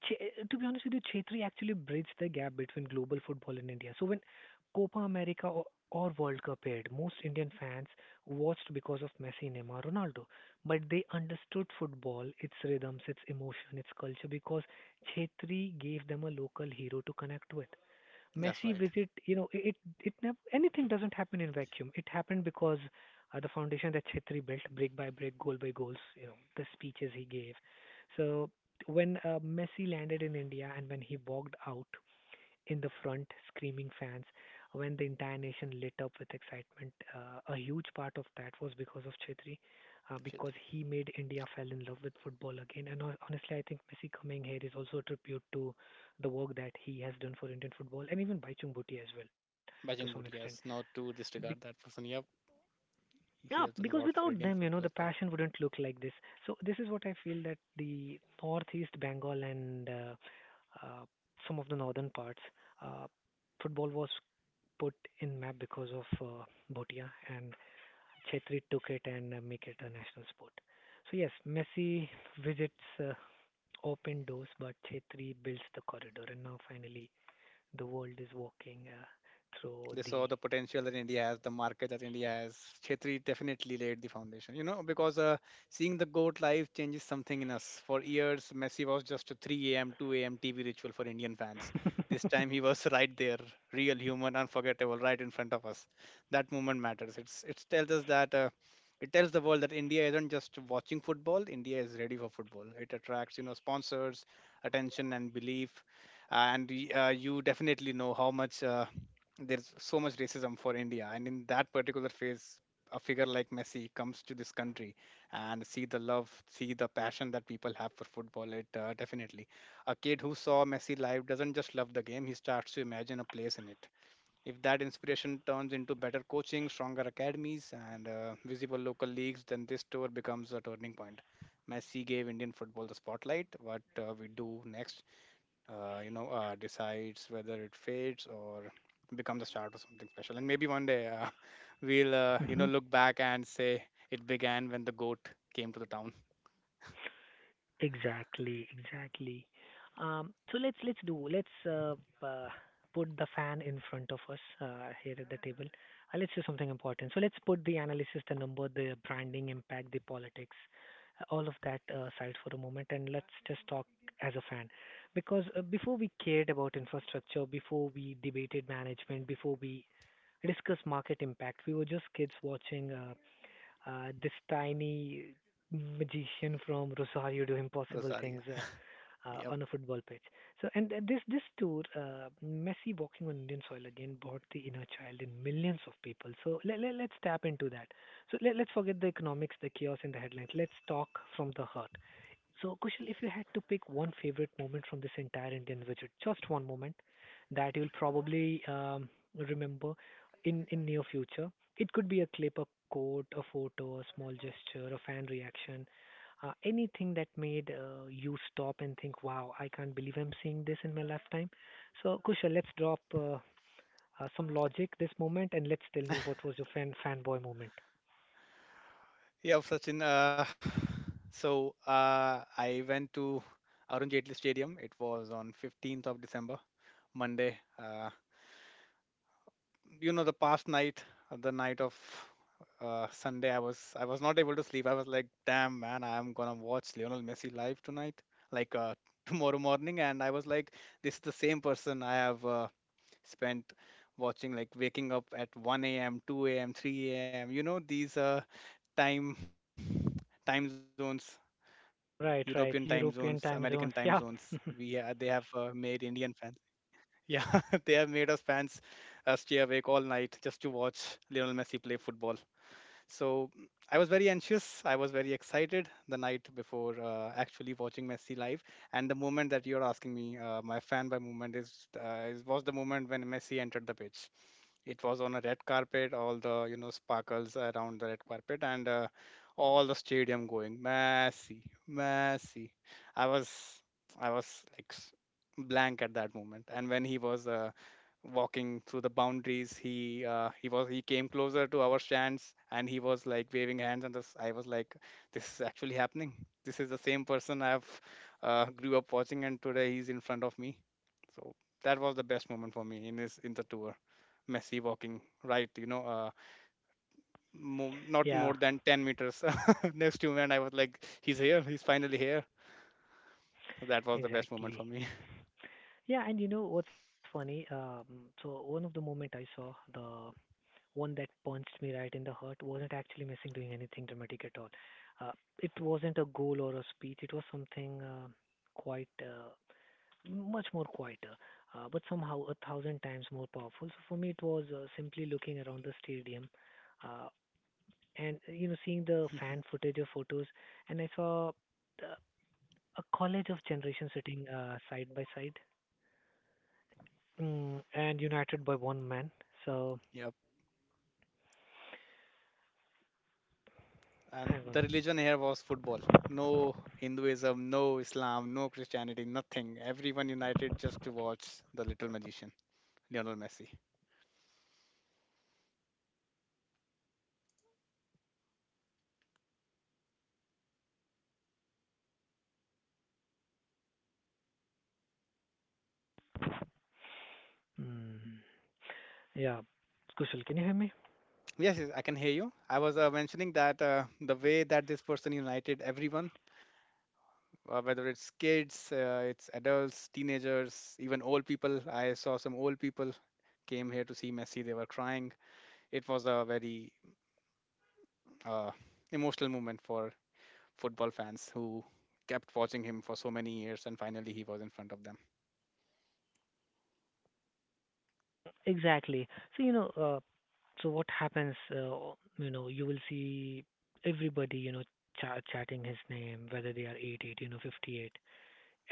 [SPEAKER 1] To be honest with you, Chetri actually bridged the gap between global football and India. So when Copa America or World Cup aired, most Indian fans watched because of Messi, Neymar, Ronaldo. But they understood football, its rhythms, its emotion, its culture because Chetri gave them a local hero to connect with
[SPEAKER 2] That's
[SPEAKER 1] messy
[SPEAKER 2] right.
[SPEAKER 1] visit, never anything doesn't happen in vacuum. It happened because the foundation that Chetri built, brick by brick, goal by goals, you know, the speeches he gave. So when Messi landed in India and when he walked out, in the front screaming fans when the entire nation lit up with excitement. A huge part of that was because of Chetri, because
[SPEAKER 2] Chetri.
[SPEAKER 1] he made India fell in love with football again. And honestly, I think Messi coming here is also a tribute to the work that he has done for Indian football and even Baichung Bhutia as well to some
[SPEAKER 2] Bajang
[SPEAKER 1] extent.
[SPEAKER 2] Bhutia, yes. Not to
[SPEAKER 1] Be-
[SPEAKER 2] disregard that person. Yep.
[SPEAKER 1] yeah,
[SPEAKER 2] He has done a
[SPEAKER 1] because
[SPEAKER 2] lot for
[SPEAKER 1] without
[SPEAKER 2] Indian
[SPEAKER 1] them, you know,
[SPEAKER 2] football
[SPEAKER 1] the
[SPEAKER 2] as well.
[SPEAKER 1] passion wouldn't look like this. So this is what I feel that the northeast Bengal and uh, some of the northern parts, uh, football was put in map because of Bhutia and Chetri took it and make it a national sport. So yes, Messi visits uh, open doors, but Chetri builds the corridor, and now finally the world is walking through
[SPEAKER 2] They
[SPEAKER 1] the
[SPEAKER 2] saw the potential that India has, the market that India has. Chetri definitely laid the foundation, you know, because seeing the GOAT live changes something in us. For years, Messi was just a 3 a.m., 2 a.m. TV ritual for Indian fans. This time he was right there, real human, unforgettable, right in front of us. That moment matters. It tells us that. It tells the world that India isn't just watching football, India is ready for football. It attracts, you know, sponsors, attention and belief. And you definitely know how much, there's so much racism for India, and in that particular phase, a figure like Messi comes to this country and see the love, see the passion that people have for football. It, definitely, a kid who saw Messi live doesn't just love the game; he starts to imagine a place in it. If that inspiration turns into better coaching, stronger academies, and visible local leagues, then this tour becomes a turning point. Messi gave Indian football the spotlight. What we do next, decides whether it fades or becomes the start of something special. And maybe one day, we'll, you
[SPEAKER 1] hmm.
[SPEAKER 2] know, look back and say it began when the goat came to the town.
[SPEAKER 1] Exactly, exactly. So let's uh, put the fan in front of us here at the table. Let's do something important. So let's put the analysis, the number, the branding impact, the politics, all of that aside for a moment, and let's just talk as a fan. Because before we cared about infrastructure, before we debated management, before we discussed market impact, we were just kids watching this tiny magician from Rosario do impossible things
[SPEAKER 2] Rosaria. Yep.
[SPEAKER 1] on a football pitch. And this tour, Messi walking on Indian soil again, brought the inner child in millions of people. So let's tap into that. So let's forget the economics, the chaos, and the headlines. Let's talk from the heart. So, Kushal, if you had to pick one favorite moment from this entire Indian visit, just one moment that you'll probably remember in near future, it could be a clip, a quote, a photo, a small gesture, a fan reaction, anything that made you stop and think, "Wow, I can't believe I'm seeing this in my lifetime." So, Kushal, let's drop some logic this moment and let's tell me what was your fanboy moment.
[SPEAKER 2] Yep, Sachin. So, I went to Arun Jaitley Stadium. It was on 15th of December, Monday. You know, the night of sunday, I was not able to sleep. I was like, damn, man, I am gonna watch Lionel Messi live tonight, like, tomorrow morning. And I was like, this is the same person I have spent watching, like waking up at 1 a.m 2 a.m 3 a.m, you know, these time time zones, European time zones,
[SPEAKER 1] Right, right,
[SPEAKER 2] American time
[SPEAKER 1] European
[SPEAKER 2] zones.
[SPEAKER 1] time zones.
[SPEAKER 2] We
[SPEAKER 1] Yeah,
[SPEAKER 2] They have made Indian fans, yeah, they have made us fans stay awake all night just to watch Lionel Messi play football. So, I was very anxious. I was very excited the night before actually watching Messi live. And the moment that you're asking me, my fanboy moment is was the moment when Messi entered the pitch. It was on a red carpet, all the sparkles around the red carpet, and all the stadium going Messi, Messi. I was I was like blank at that moment. And when he was walking through the boundaries, he came closer to our stands, and he was like waving hands. And this, I was like, this is actually happening. This is the same person I've grew up watching, and today he's in front of me. So that was the best moment for me in the tour. Messi walking right, you know, not more
[SPEAKER 1] yeah,
[SPEAKER 2] than 10 meters next to me. And I was like, he's here, he's finally here. So that was the best moment for
[SPEAKER 1] exactly.
[SPEAKER 2] me.
[SPEAKER 1] Yeah, and you know what's funny? So one of the moment I saw the one that punched me right in the heart wasn't actually missing doing anything dramatic at all. Uh, it wasn't a goal or a speech. It was something quite much more quieter, but somehow a thousand times more powerful. So for me, it was simply looking around the stadium, uh, and you know seeing the fan footage or photos, and I saw the, a college of generation sitting side by side. Mm, and United by one man. So
[SPEAKER 2] Yep. And
[SPEAKER 1] hang
[SPEAKER 2] the
[SPEAKER 1] on.
[SPEAKER 2] religion here was football. No Hinduism, no Islam, no Christianity, nothing. Everyone united just to watch the little magician, Lionel Messi.
[SPEAKER 1] Mm, yeah, Kushal, can you hear me?
[SPEAKER 2] Yes, yes, I can hear you. I was mentioning that, the way that this person united everyone, whether it's kids, it's adults, teenagers, even old people. I saw some old people came here to see Messi. They were crying. It was a very, uh, emotional moment for football fans who kept watching him for so many years and finally he was in front of them.
[SPEAKER 1] Exactly. So what happens? You know, you will see everybody. You know, chatting his name, whether they are 8, 8, you know, 58.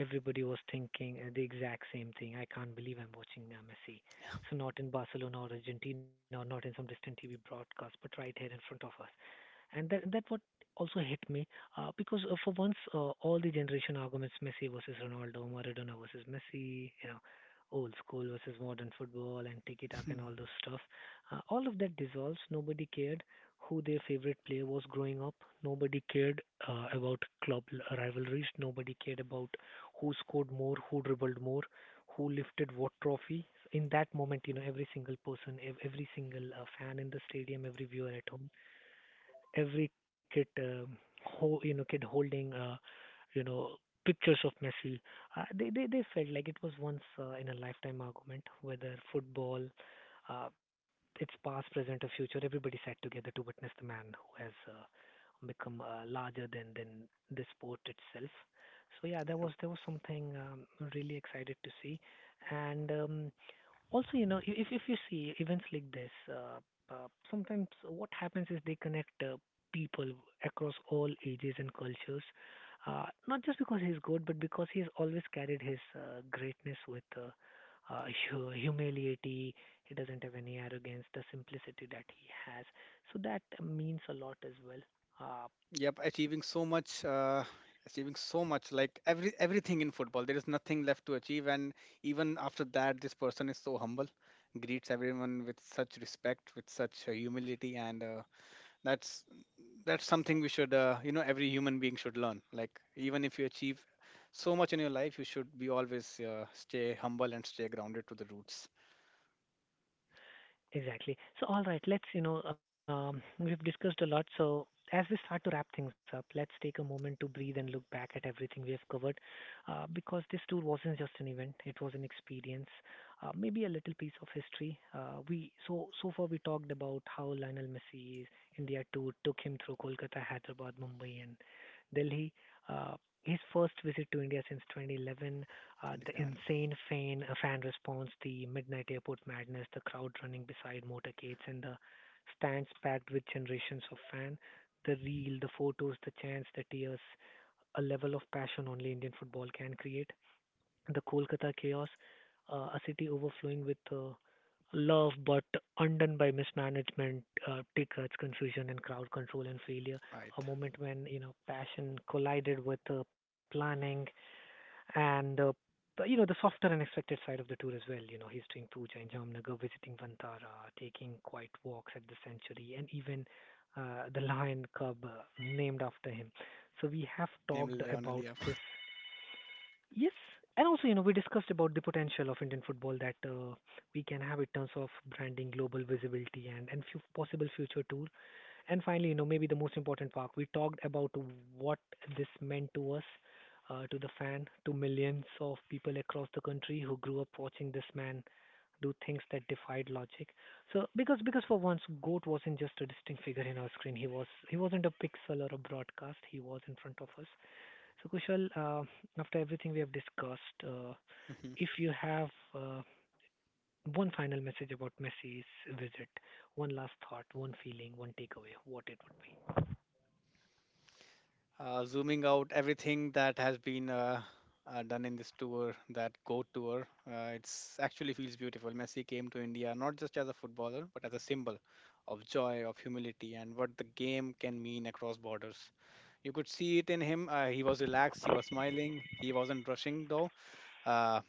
[SPEAKER 1] Everybody was thinking the exact same thing. I can't believe I'm watching Messi. So not in Barcelona or Argentina, or not in some distant TV broadcast, but right here in front of us. And that what also hit me because for once all the generation arguments Messi versus Ronaldo, Maradona versus Messi, you know, old school versus modern football and tiki taka and all those stuff, all of that dissolves. Nobody cared who their favorite player was growing up. Nobody cared about rivalries. Nobody cared about who scored more, who dribbled more, who lifted what trophy. In that moment, you know, every single person, every single fan in the stadium, every viewer at home, every kid, you know, kid holding, you know, pictures of Messi. They they felt like it was once in a lifetime argument whether football, uh, its past, present, or future. Everybody sat together to witness the man who has become larger than the sport itself. So yeah, there was
[SPEAKER 2] Yep.
[SPEAKER 1] there was something really excited to see, and. Also, you know, if you see events like this, sometimes what happens is they connect people across all ages and cultures. Not just because he's good, but because he has always carried his greatness with uh, humility. He doesn't have any arrogance, the simplicity that he has. So that means a lot as well. Uh,
[SPEAKER 2] Yep, achieving so much, like everything in football, there is nothing left to achieve. And even after that, this person is so humble, greets everyone with such respect, with such humility. And that's that's something we should, every human being should learn. Like, even if you achieve so much in your life, you should be always, stay humble and stay grounded to the roots.
[SPEAKER 1] Exactly. So, all right, let's, you know, we've discussed a lot. So, as we start to wrap things up, let's take a moment to breathe and look back at everything we have covered because this tour wasn't just an event, it was an experience, maybe a little piece of history. So far, we talked about how Lionel Messi's India tour took him through Kolkata, Hyderabad, Mumbai, and Delhi. Uh, his first visit to India since 2011, the
[SPEAKER 2] 2011.
[SPEAKER 1] insane fan response, the midnight airport madness, the crowd running beside motorcades, and the stands packed with generations of fans, the reel, the photos, the chants, the tears, a level of passion only Indian football can create. The Kolkata chaos, a city overflowing with love but undone by mismanagement, tickets, confusion, and crowd control and failure.
[SPEAKER 2] Right.
[SPEAKER 1] A moment when you know passion collided with planning, and you know the softer and expected side of the tour as well. You know, he's doing puja in Jamnagar, visiting Vantara, taking quiet walks at the sanctuary, and even the lion cub named after him. So
[SPEAKER 2] Named
[SPEAKER 1] we have
[SPEAKER 2] Lionel. Yeah.
[SPEAKER 1] talked about this. Yes, and also you know we discussed about the potential of Indian football that we can have in terms of branding, global visibility, and few possible future tours. And finally, you know, maybe the most important part, we talked about what this meant to us, to the fan, to millions of people across the country who grew up watching this man do things that defied logic. So because for once, Goat wasn't just a distinct figure in our screen. He wasn't a pixel or a broadcast. He was in front of us. So Kushal, after everything we have discussed, if you have one final message about Messi's visit, one last thought, one feeling, one takeaway, what it would be.
[SPEAKER 2] Zooming out, everything that has been done in this tour, that Go tour, it's actually feels beautiful. Messi came to India not just as a footballer, but as a symbol of joy, of humility, and what the game can mean across borders. You could see it in him. He was relaxed, he was smiling, he wasn't rushing though. Uh,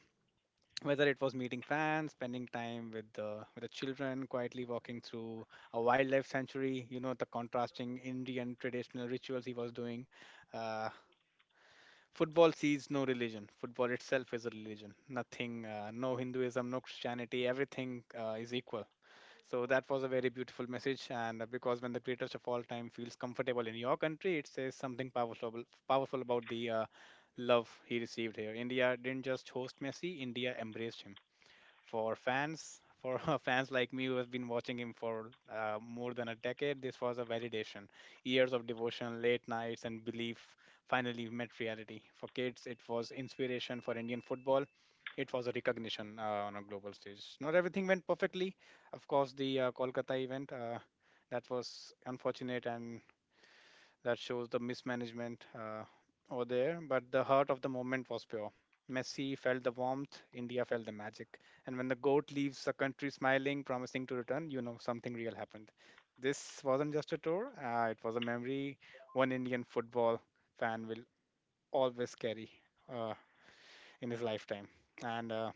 [SPEAKER 2] whether it was meeting fans, spending time with the children, quietly walking through a wildlife sanctuary, you know, the contrasting Indian traditional rituals he was doing. Uh, football sees no religion. Football itself is a religion. Nothing, no Hinduism, no Christianity. Everything is equal. So that was a very beautiful message. And because when the greatest of all time feels comfortable in your country, it says something powerful about the love he received here. India didn't just host Messi. India embraced him. For fans, for fans like me who have been watching him for more than a decade, this was a validation, years of devotion, late nights and belief finally met reality. For kids, it was inspiration. For Indian football, it was a recognition on a global stage. Not everything went perfectly, of course. The Kolkata event, that was unfortunate, and that shows the mismanagement over there. But the heart of the moment was pure. Messi felt the warmth, India felt the magic. And when the goat leaves the country smiling, promising to return, you know something real happened. This wasn't just a tour, it was a memory one Indian football fan will always carry uh, in his lifetime. And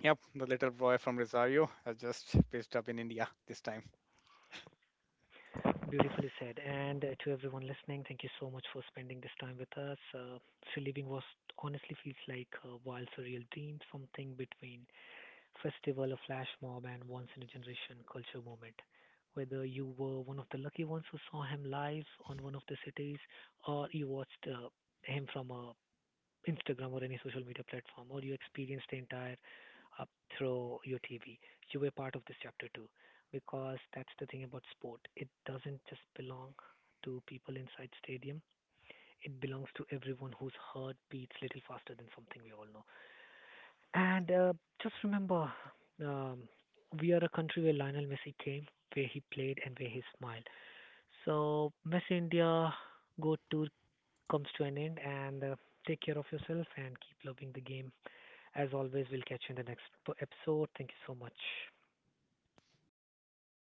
[SPEAKER 2] yep, the little boy from Rosario has just pitched up in India this time.
[SPEAKER 1] Beautifully said. And to everyone listening, thank you so much for spending this time with us. Free living was honestly feels like a wild surreal dream, something between festival, a flash mob, and once in a generation culture moment. Whether you were one of the lucky ones who saw him live on one of the cities, or you watched him from a Instagram or any social media platform, or you experienced the entire up through your TV. You were part of this chapter too, because that's the thing about sport. It doesn't just belong to people inside stadium. It belongs to everyone whose heart beats little faster than something we all know. And Just remember, um, we are a country where Lionel Messi came, where he played, and where he smiled. So Messi India Go Tour comes to an end, and take care of yourself and keep loving the game as always, we'll catch you in the next episode. Thank you so much.
[SPEAKER 2] All right, thank you.